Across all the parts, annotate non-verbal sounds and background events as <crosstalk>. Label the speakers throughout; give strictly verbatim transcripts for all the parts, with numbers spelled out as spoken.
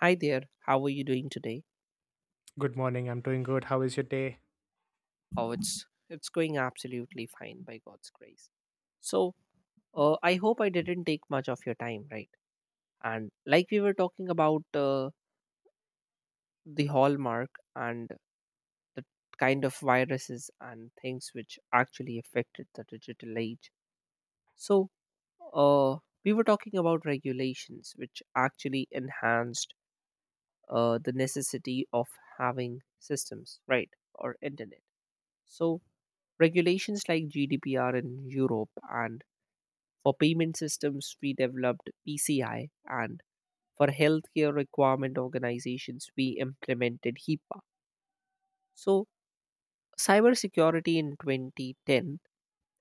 Speaker 1: Hi there. How are you doing today?
Speaker 2: Good morning. I'm doing good. How is your day?
Speaker 1: Oh, it's it's going absolutely fine by God's grace. So, uh, I hope I didn't take much of your time, right? And like we were talking about uh, the hallmark and the kind of viruses and things which actually affected the digital age. So, uh, we were talking about regulations which actually enhanced uh, the necessity of having systems, right, or internet. So, regulations like G D P R in Europe and for payment systems, we developed P C I, and for healthcare requirement organizations, we implemented HIPAA. So, cybersecurity in twenty ten,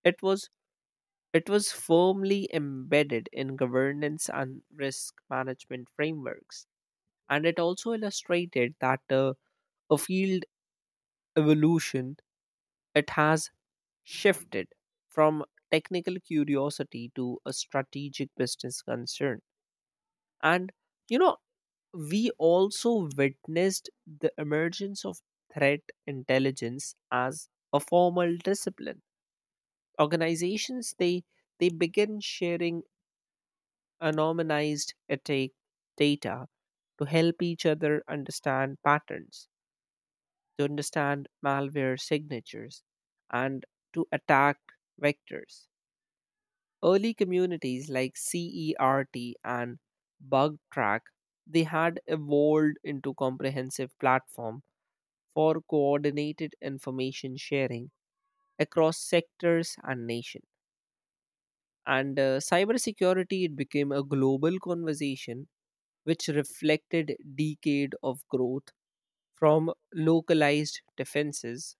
Speaker 1: it was it was firmly embedded in governance and risk management frameworks, and it also illustrated that uh, a field evolution it has shifted from technical curiosity to a strategic business concern. And, you know, we also witnessed the emergence of threat intelligence as a formal discipline. Organizations, they, they begin sharing anonymized attack data to help each other understand patterns, to understand malware signatures, and to attack vectors. Early communities like CERT and BugTrack, they had evolved into comprehensive platform for coordinated information sharing across sectors and nation. And uh, cybersecurity it became a global conversation which reflected decade of growth from localized defenses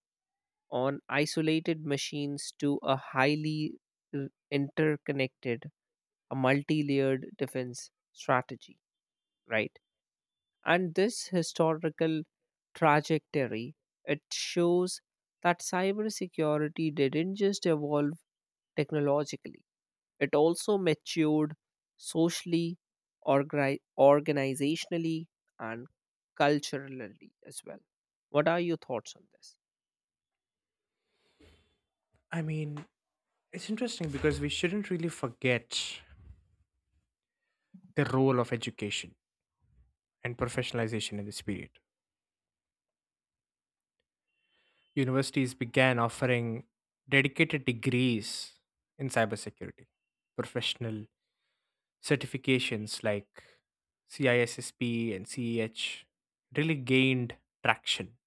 Speaker 1: on isolated machines to a highly uh, interconnected a multi-layered defense strategy, right? And this historical trajectory it shows that cybersecurity didn't just evolve technologically; it also matured socially, orgri- organizationally, and culturally as well. What are your thoughts on this?
Speaker 2: I mean, it's interesting because we shouldn't really forget the role of education and professionalization in this period. Universities began offering dedicated degrees in cybersecurity, professional certifications like C I S S P and C E H really gained traction,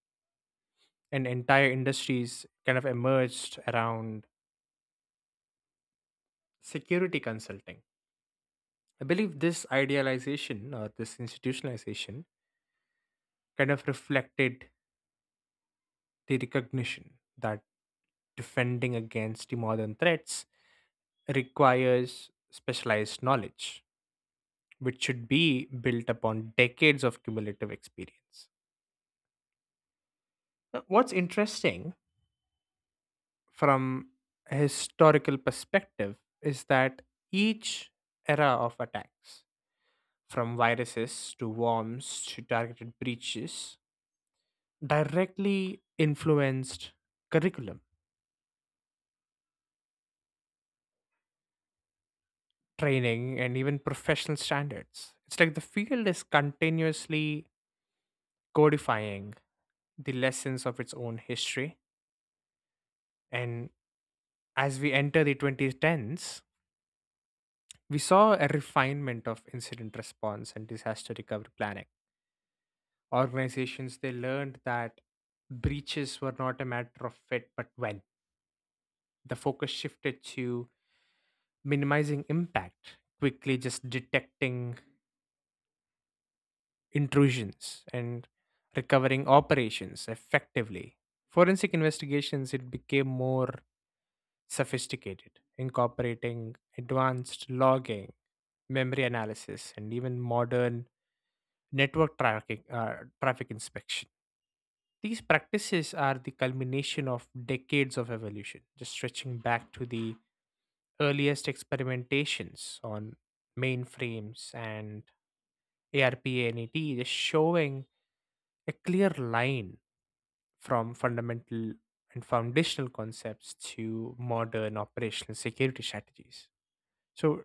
Speaker 2: and entire industries kind of emerged around security consulting. I believe this idealization or this institutionalization kind of reflected the recognition that defending against the modern threats requires specialized knowledge, which should be built upon decades of cumulative experience. Now, what's interesting from a historical perspective is that each era of attacks, from viruses to worms to targeted breaches, directly influenced curriculum, training, and even professional standards. It's like the field is continuously codifying the lessons of its own history. And as we enter the twenty tens, we saw a refinement of incident response and disaster recovery planning. Organizations, they learned that breaches were not a matter of fit but when. The focus shifted to minimizing impact quickly, just detecting intrusions and recovering operations effectively. Forensic investigations, it became more sophisticated, incorporating advanced logging, memory analysis, and even modern network tracking, uh, traffic inspection. These practices are the culmination of decades of evolution, just stretching back to the earliest experimentations on mainframes and ARPANET, just showing a clear line from fundamental and foundational concepts to modern operational security strategies. So,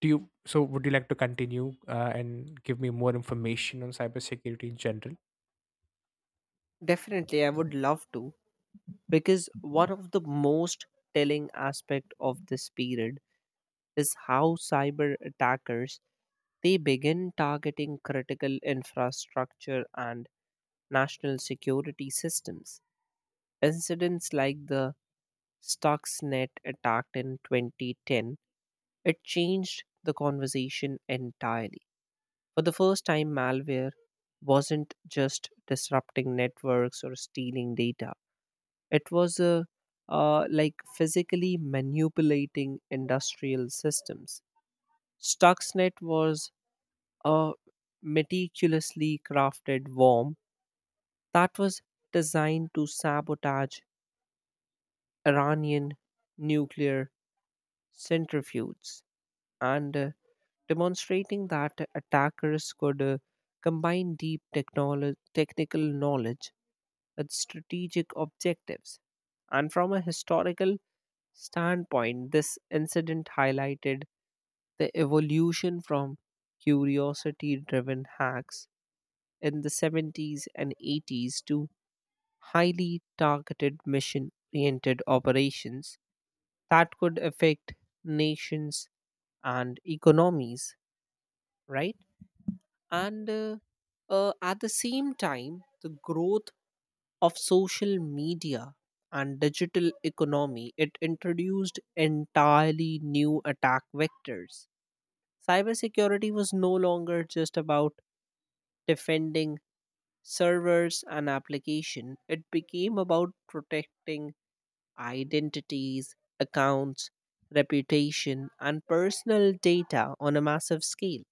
Speaker 2: do you? So, would you like to continue uh, and give me more information on cybersecurity in general?
Speaker 1: Definitely, I would love to because one of the most telling aspect of this period is how cyber attackers they begin targeting critical infrastructure and national security systems. Incidents like the Stuxnet attack in two thousand ten it changed the conversation entirely. For the first time, malware wasn't just disrupting networks or stealing data; it was a uh, like physically manipulating industrial systems. Stuxnet was a meticulously crafted bomb that was designed to sabotage Iranian nuclear centrifuges and uh, demonstrating that attackers could uh, combine deep technolo- technical knowledge with strategic objectives. And from a historical standpoint, this incident highlighted the evolution from curiosity driven hacks in the seventies and eighties to highly targeted mission oriented operations that could affect nations and economies, right? And uh, uh, at the same time, the growth of social media and digital economy it introduced entirely new attack vectors. Cybersecurity was no longer just about defending servers and application. It became about protecting identities, accounts, reputation and personal data on a massive scale.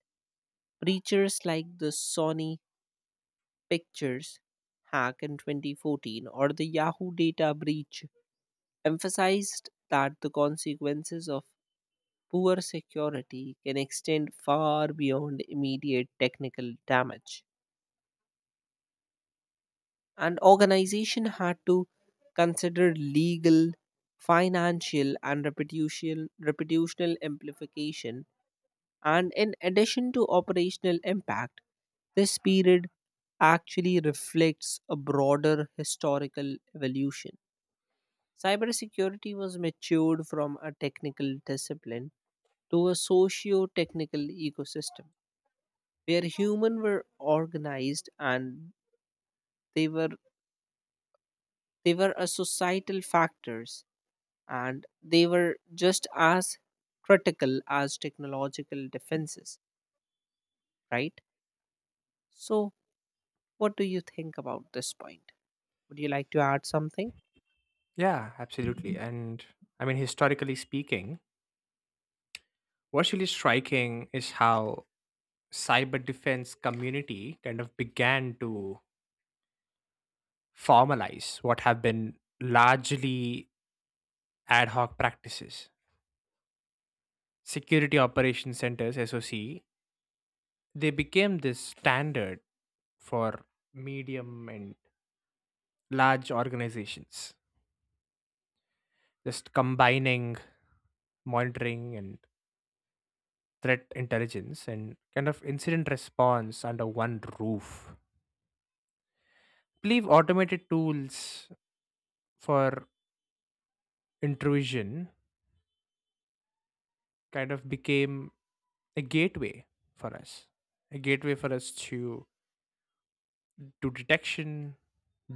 Speaker 1: Breaches like the Sony Pictures hack in twenty fourteen or the Yahoo data breach emphasized that the consequences of poor security can extend far beyond immediate technical damage, and organization had to consider legal, financial and reputational reputational amplification, and in addition to operational impact, this period actually reflects a broader historical evolution. Cybersecurity was matured from a technical discipline to a socio-technical ecosystem where human were organized and they were they were a societal factors, and they were just as critical as technological defenses, right? So, what do you think about this point? Would you like to add something?
Speaker 2: Yeah, absolutely. And I mean, historically speaking, what's really striking is how cyber defense community kind of began to formalize what have been largely ad hoc practices. Security Operations Centers, S O C, they became this standard for medium and large organizations, just combining monitoring and threat intelligence and kind of incident response under one roof. Believe automated tools for intrusion kind of became a gateway for us a gateway for us to do detection,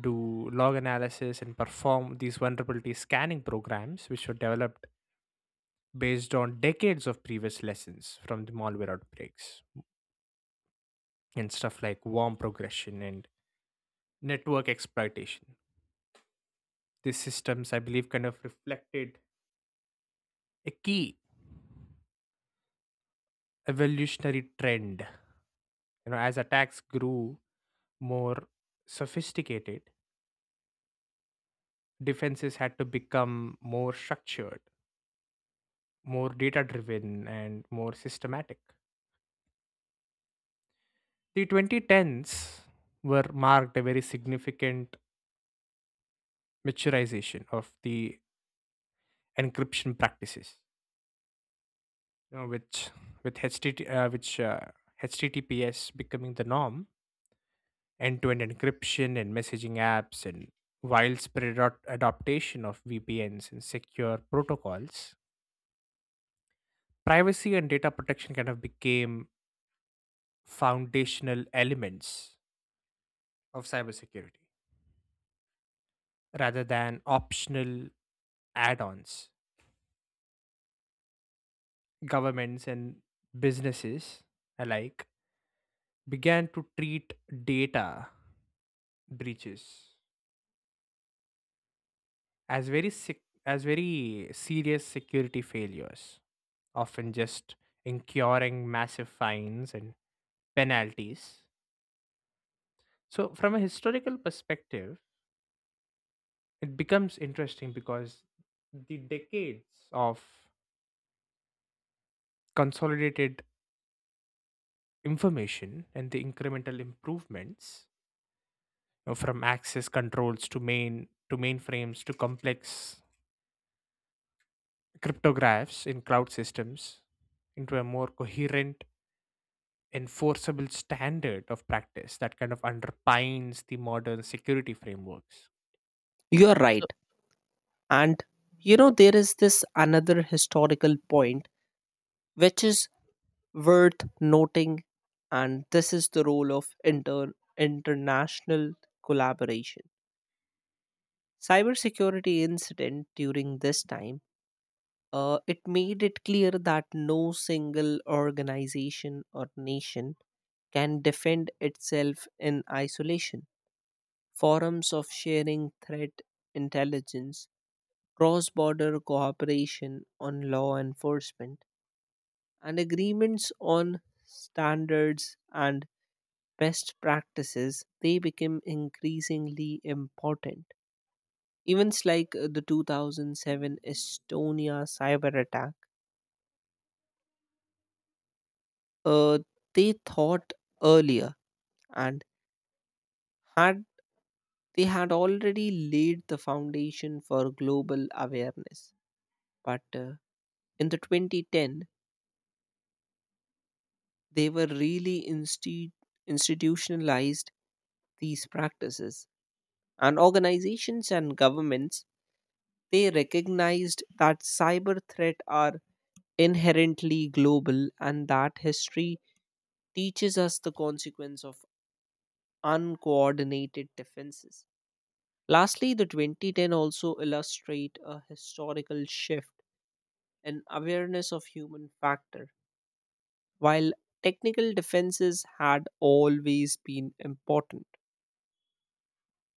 Speaker 2: do log analysis, and perform these vulnerability scanning programs which were developed based on decades of previous lessons from the malware outbreaks and stuff like worm progression and network exploitation. These systems, I believe, kind of reflected a key evolutionary trend. You know, as attacks grew more sophisticated, defenses had to become more structured, more data driven, and more systematic. The twenty tens were marked a very significant maturization of the encryption practices, you know, which with H T T, uh, which uh, H T T P S becoming the norm, end-to-end encryption and messaging apps, and widespread adop- adoption of V P Ns and secure protocols. Privacy and data protection kind of became foundational elements of cybersecurity rather than optional add ons. Governments and businesses alike began to treat data breaches as very sec- as very serious security failures, often just incurring massive fines and penalties. So, from a historical perspective, it becomes interesting because the decades of consolidated information and the incremental improvements, you know, from access controls to main to mainframes to complex cryptographs in cloud systems into a more coherent enforceable standard of practice that kind of underpins the modern security frameworks.
Speaker 1: You're
Speaker 2: So
Speaker 1: right. And you know, there is this another historical point which is worth noting, and this is the role of inter- international collaboration. Cybersecurity incident during this time, Uh, it made it clear that no single organization or nation can defend itself in isolation. Forums of sharing threat intelligence, cross border cooperation on law enforcement, and agreements on standards and best practices they became increasingly important. Events like uh, the two thousand seven Estonia cyber attack, uh, they thought earlier, and had they had already laid the foundation for global awareness, but uh, in the twenty ten they were really insti- institutionalized these practices, and organizations and governments they recognized that cyber threats are inherently global, and that history teaches us the consequence of uncoordinated defenses. Lastly, the twenty ten also illustrate a historical shift in awareness of human factor. While technical defenses had always been important,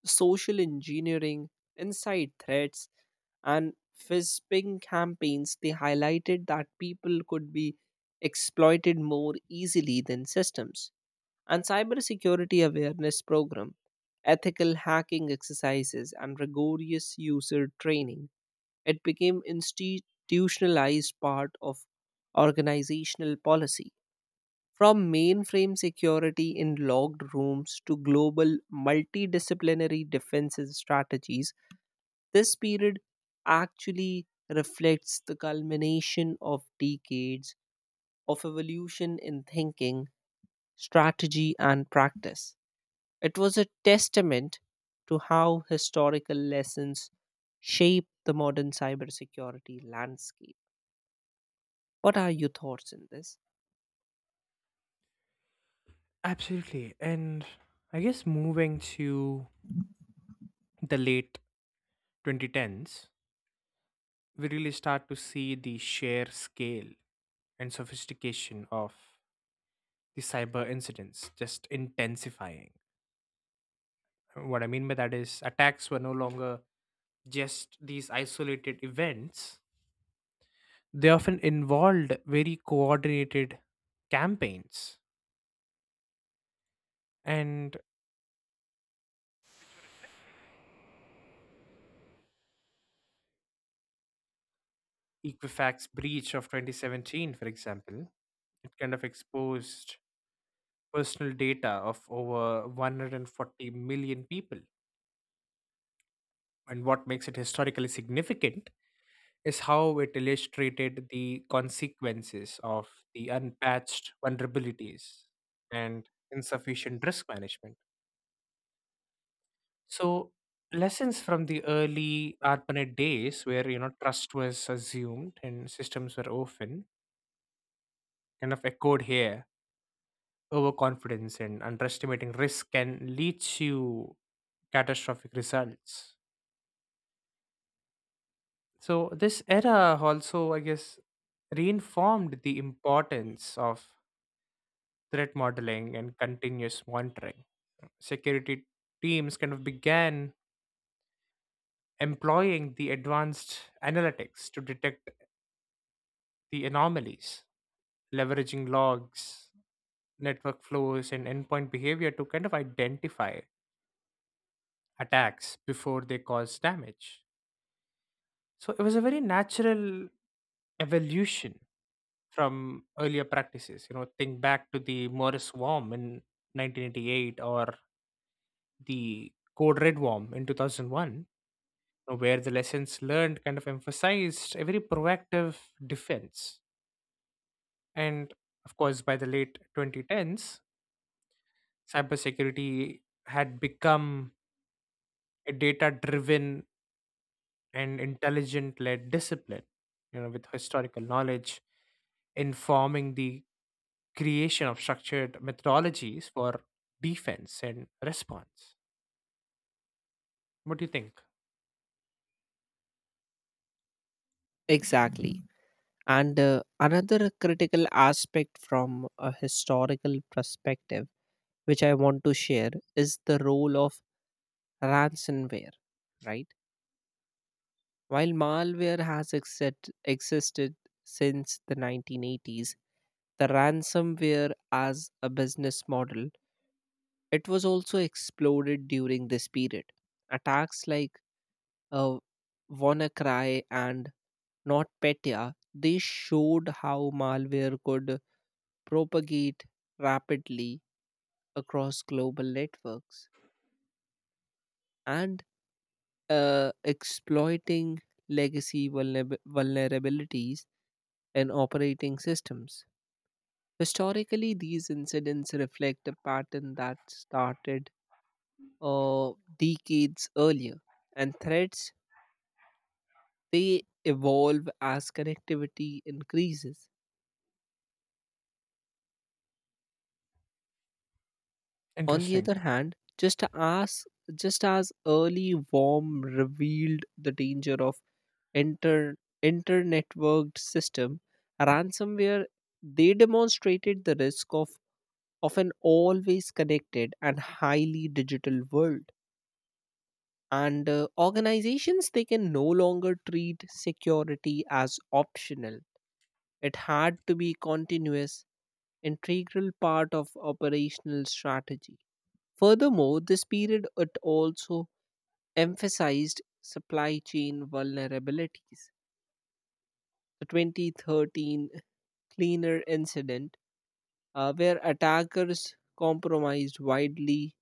Speaker 1: social engineering, inside threats, and phishing campaigns they highlighted that people could be exploited more easily than systems. And cybersecurity awareness program, ethical hacking exercises and rigorous user training, it became institutionalized part of organizational policy. From mainframe security in logged rooms to global multidisciplinary defense strategies, this period actually reflects the culmination of decades of evolution in thinking, strategy, and practice. It was a testament to how historical lessons shape the modern cybersecurity landscape. What are your thoughts in this?
Speaker 2: absolutely. And I guess moving to the late twenty tens, we really start to see the sheer scale and sophistication of the cyber incidents just intensifying. What I mean by that is attacks were no longer just these isolated events, they often involved very coordinated campaigns. And Equifax breach of twenty seventeen, for example, it kind of exposed personal data of over one hundred forty million people. And what makes it historically significant is how it illustrated the consequences of the unpatched vulnerabilities and insufficient risk management. So, lessons from the early ARPANET days, where you know trust was assumed and systems were often kind of echoed here, overconfidence and underestimating risk can lead to catastrophic results. So, this era also, I guess, reinformed the importance of threat modeling and continuous monitoring. Security teams kind of began employing the advanced analytics to detect the anomalies, leveraging logs, network flows, and endpoint behavior to kind of identify attacks before they cause damage. So it was a very natural evolution from earlier practices. You know, think back to the Morris worm in nineteen eighty-eight or the Code Red worm in two thousand one, know, where the lessons learned kind of emphasized a very proactive defense. And of course, by the late twenty tens, cybersecurity had become a data driven and intelligent led discipline, you know, with historical knowledge informing the creation of structured methodologies for defense and response. What do you think?
Speaker 1: Exactly. And uh, another critical aspect from a historical perspective, which I want to share, is the role of ransomware, right? While malware has exist- existed since the nineteen eighties, the ransomware as a business model, it was also exploded during this period. Attacks like uh, WannaCry and not Petya. They showed how malware could propagate rapidly across global networks and uh, exploiting legacy vulnerab- vulnerabilities in operating systems. Historically, these incidents reflect a pattern that started uh, decades earlier, and threats they evolve as connectivity increases. On the
Speaker 2: Interesting.
Speaker 1: other hand, just as just as early warm revealed the danger of inter internetworked system, ransomware they demonstrated the risk of of an always connected and highly digital world. And uh, organizations they can no longer treat security as optional. It had to be continuous, integral part of operational strategy. Furthermore, this period it also emphasized supply chain vulnerabilities. The twenty thirteen cleaner incident, uh, where attackers compromised widely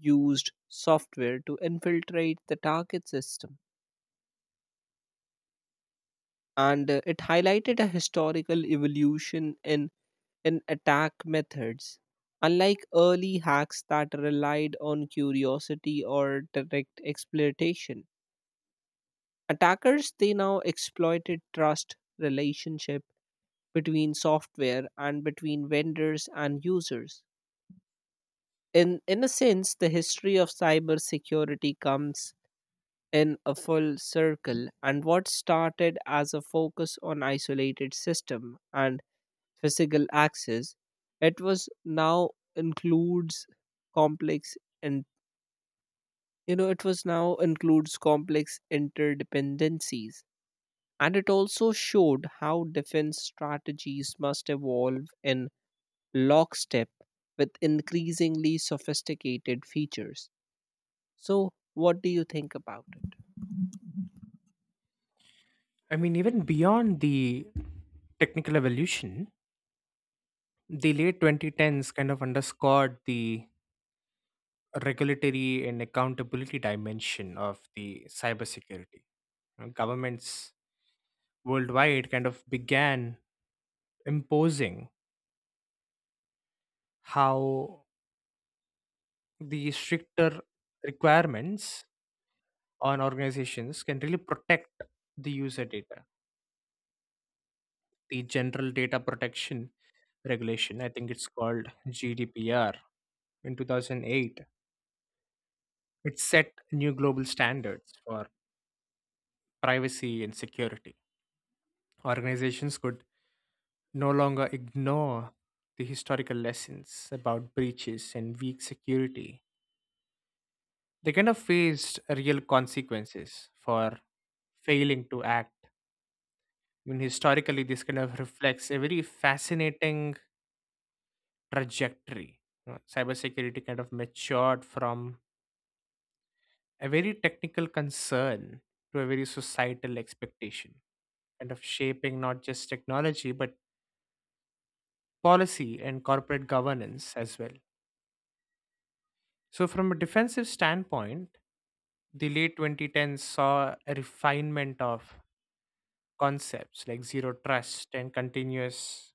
Speaker 1: used software to infiltrate the target system, and uh, it highlighted a historical evolution in, in attack methods. Unlike early hacks that relied on curiosity or direct exploitation, attackers they now exploited trust, relationships between software and between vendors and users. In, in a sense, the history of cybersecurity comes in a full circle, and what started as a focus on isolated system and physical access, it was now includes complex and you know it was now includes complex interdependencies, and it also showed how defense strategies must evolve in lockstep with increasingly sophisticated features. So, what do you think about it?
Speaker 2: I mean, even beyond the technical evolution, the late twenty tens kind of underscored the regulatory and accountability dimension of the cybersecurity. You know, governments worldwide kind of began imposing how the stricter requirements on organizations can really protect the user data. The General Data Protection Regulation, I think it's called G D P R, in two thousand eight, it set new global standards for privacy and security. Organizations could no longer ignore the historical lessons about breaches and weak security. They kind of faced real consequences for failing to act. I mean, historically, this kind of reflects a very fascinating trajectory. You know, cybersecurity kind of matured from a very technical concern to a very societal expectation, kind of shaping not just technology, but policy and corporate governance as well. So, from a defensive standpoint, the late twenty tens saw a refinement of concepts like zero trust and continuous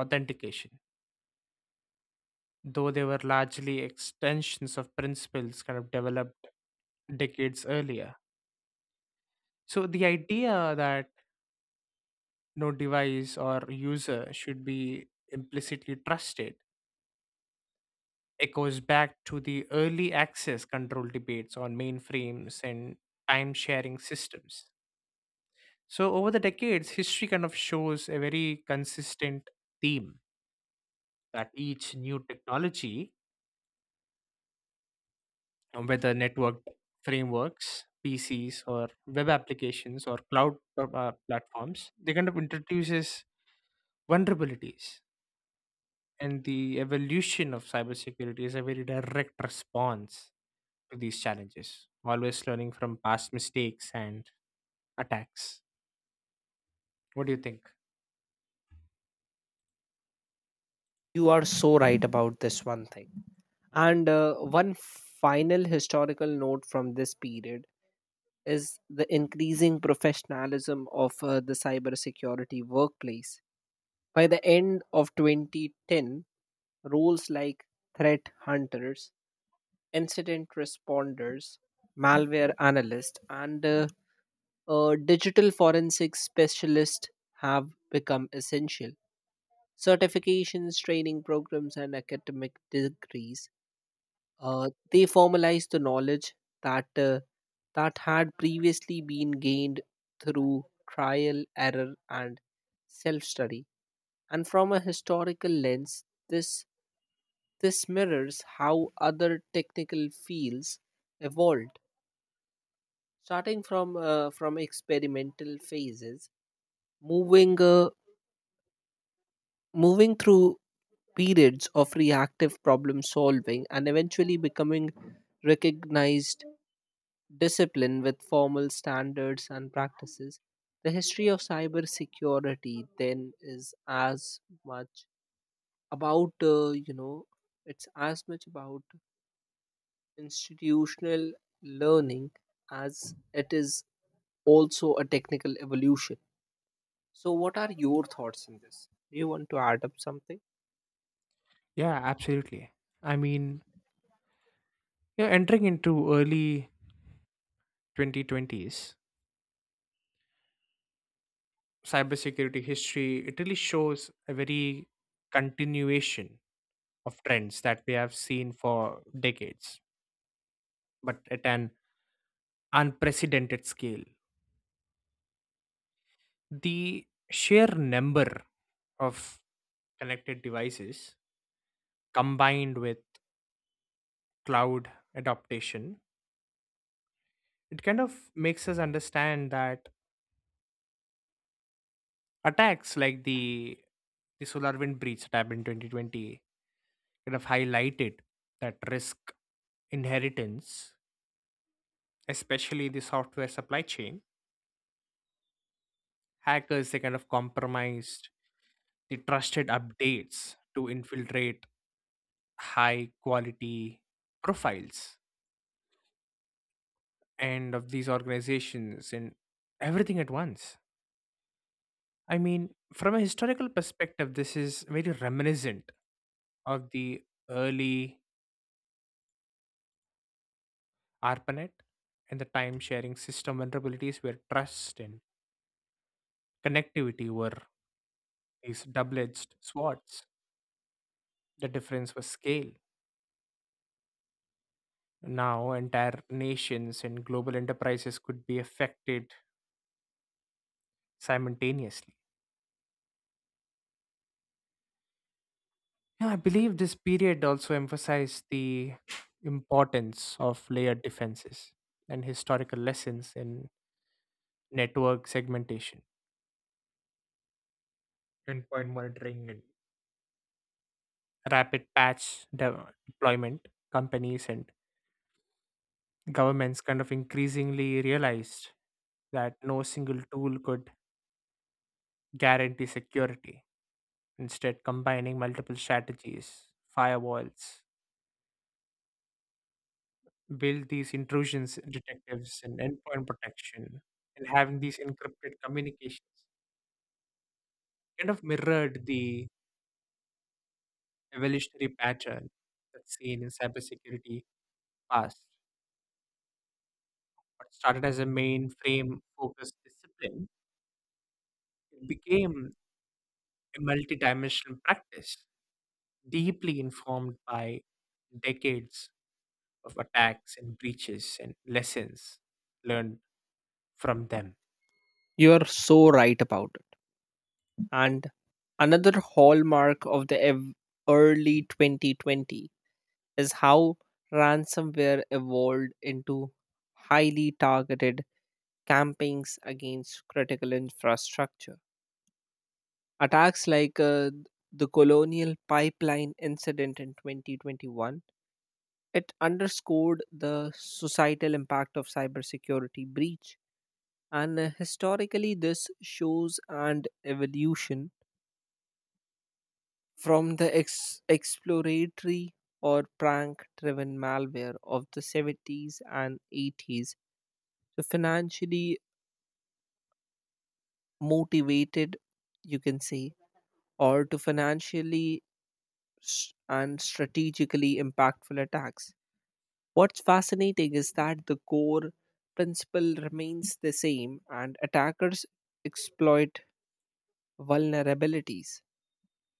Speaker 2: authentication, though they were largely extensions of principles kind of developed decades earlier. So, the idea that no device or user should be implicitly trusted echoes back to the early access control debates on mainframes and time sharing systems. So over the decades, history kind of shows a very consistent theme that each new technology, um, whether networked frameworks, P Cs, or web applications, or cloud uh, uh, platforms, they kind of introduces vulnerabilities. And the evolution of cybersecurity is a very direct response to these challenges, always learning from past mistakes and attacks. What do you think?
Speaker 1: You are so right about this one thing. And uh, one final historical note from this period is the increasing professionalism of uh, the cybersecurity workplace. By the end of twenty ten, roles like threat hunters, incident responders, malware analysts, and uh, uh, digital forensic specialists have become essential. Certifications, training programs, and academic degrees uh, they formalize the knowledge that uh, that had previously been gained through trial, error, and self-study. And from a historical lens, this this mirrors how other technical fields evolved, starting from uh, from experimental phases, moving uh, moving through periods of reactive problem solving and eventually becoming recognized discipline with formal standards and practices. The history of cybersecurity then is as much about uh, you know it's as much about institutional learning as it is also a technical evolution. So what are your thoughts on this? Do you want to add up something?
Speaker 2: Yeah, absolutely. I mean, you're entering into early twenty twenties cybersecurity history. It really shows a very continuation of trends that we have seen for decades but at an unprecedented scale. The sheer number of connected devices combined with cloud adaptation, it kind of makes us understand that attacks like the the SolarWind breach that happened in twenty twenty kind of highlighted that risk inheritance, especially the software supply chain. Hackers, they kind of compromised the trusted updates to infiltrate high quality profiles and of these organizations and everything at once. I mean, from a historical perspective, this is very reminiscent of the early ARPANET and the time sharing system vulnerabilities where trust and connectivity were these double edged swords. The difference was scale. Now, entire nations and global enterprises could be affected simultaneously. Now, I believe this period also emphasized the importance of layered defenses and historical lessons in network segmentation, endpoint monitoring, and rapid patch de- deployment. Companies and governments kind of increasingly realized that no single tool could guarantee security. Instead, combining multiple strategies, firewalls, build these intrusions detectives and endpoint protection and having these encrypted communications kind of mirrored the evolutionary pattern that's seen in cybersecurity past. What started as a mainframe focused discipline, it became a multidimensional practice, deeply informed by decades of attacks and breaches and lessons learned from them. <sighs>
Speaker 1: You are so right about it. And another hallmark of the ev- early twenty twenty is how ransomware evolved into highly targeted campaigns against critical infrastructure. Attacks like uh, the Colonial Pipeline incident in twenty twenty-one it underscored the societal impact of cybersecurity breach, and uh, historically this shows and evolution from the ex- exploratory or prank driven malware of the seventies and eighties to financially motivated, you can say, or to financially s- and strategically impactful attacks. What's fascinating is that the core principle remains the same, and attackers exploit vulnerabilities,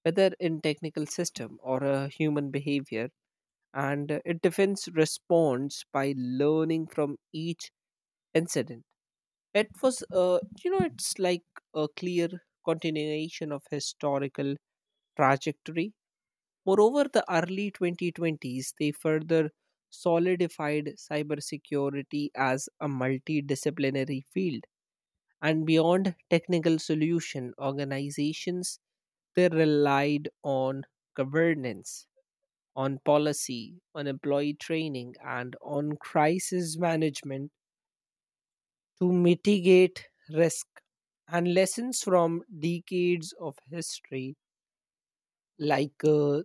Speaker 1: whether in technical system or a human behavior, and uh, it defends response by learning from each incident. It was, uh, you know, it's like a clear continuation of historical trajectory. Moreover, the early twenty twenties they further solidified cybersecurity as a multidisciplinary field. And beyond technical solution, organizations they relied on governance, on policy, on employee training, and on crisis management to mitigate risk. And lessons from decades of history, like uh,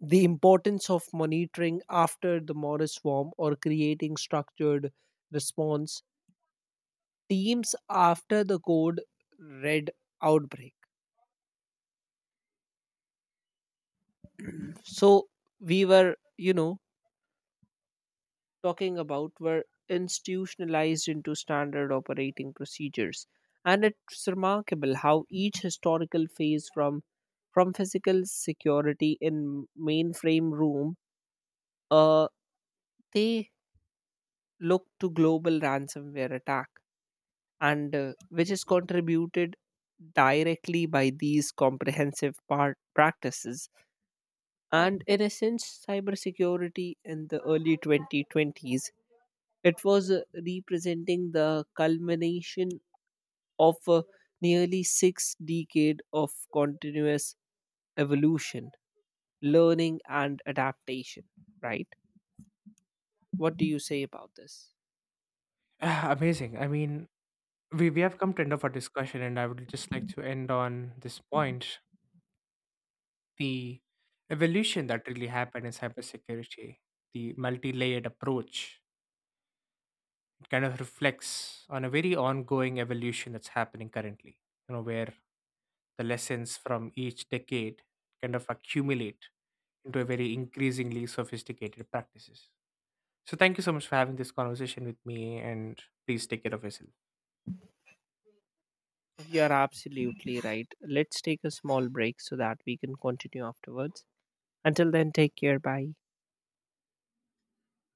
Speaker 1: the importance of monitoring after the Morris swarm, or creating structured response teams after the code red outbreak. So we were, you know, talking about were institutionalized into standard operating procedures. And it's remarkable how each historical phase, from from physical security in mainframe room, uh, they look to global ransomware attack, and uh, which is contributed directly by these comprehensive part practices. And in a sense, cybersecurity in the early twenty twenties, it was uh, representing the culmination of uh, nearly six decade of continuous evolution, learning, and adaptation. Right? What do you say about this?
Speaker 2: Ah, amazing. I mean, we, we have come to end of our discussion and I would just like to end on this point. The evolution that really happened in cybersecurity, the multi-layered approach, it kind of reflects on a very ongoing evolution that's happening currently, you know, where the lessons from each decade kind of accumulate into a very increasingly sophisticated practices. So thank you so much for having this conversation with me and please take care of yourself.
Speaker 1: You're absolutely right. Let's take a small break so that we can continue afterwards. Until then, take care. Bye.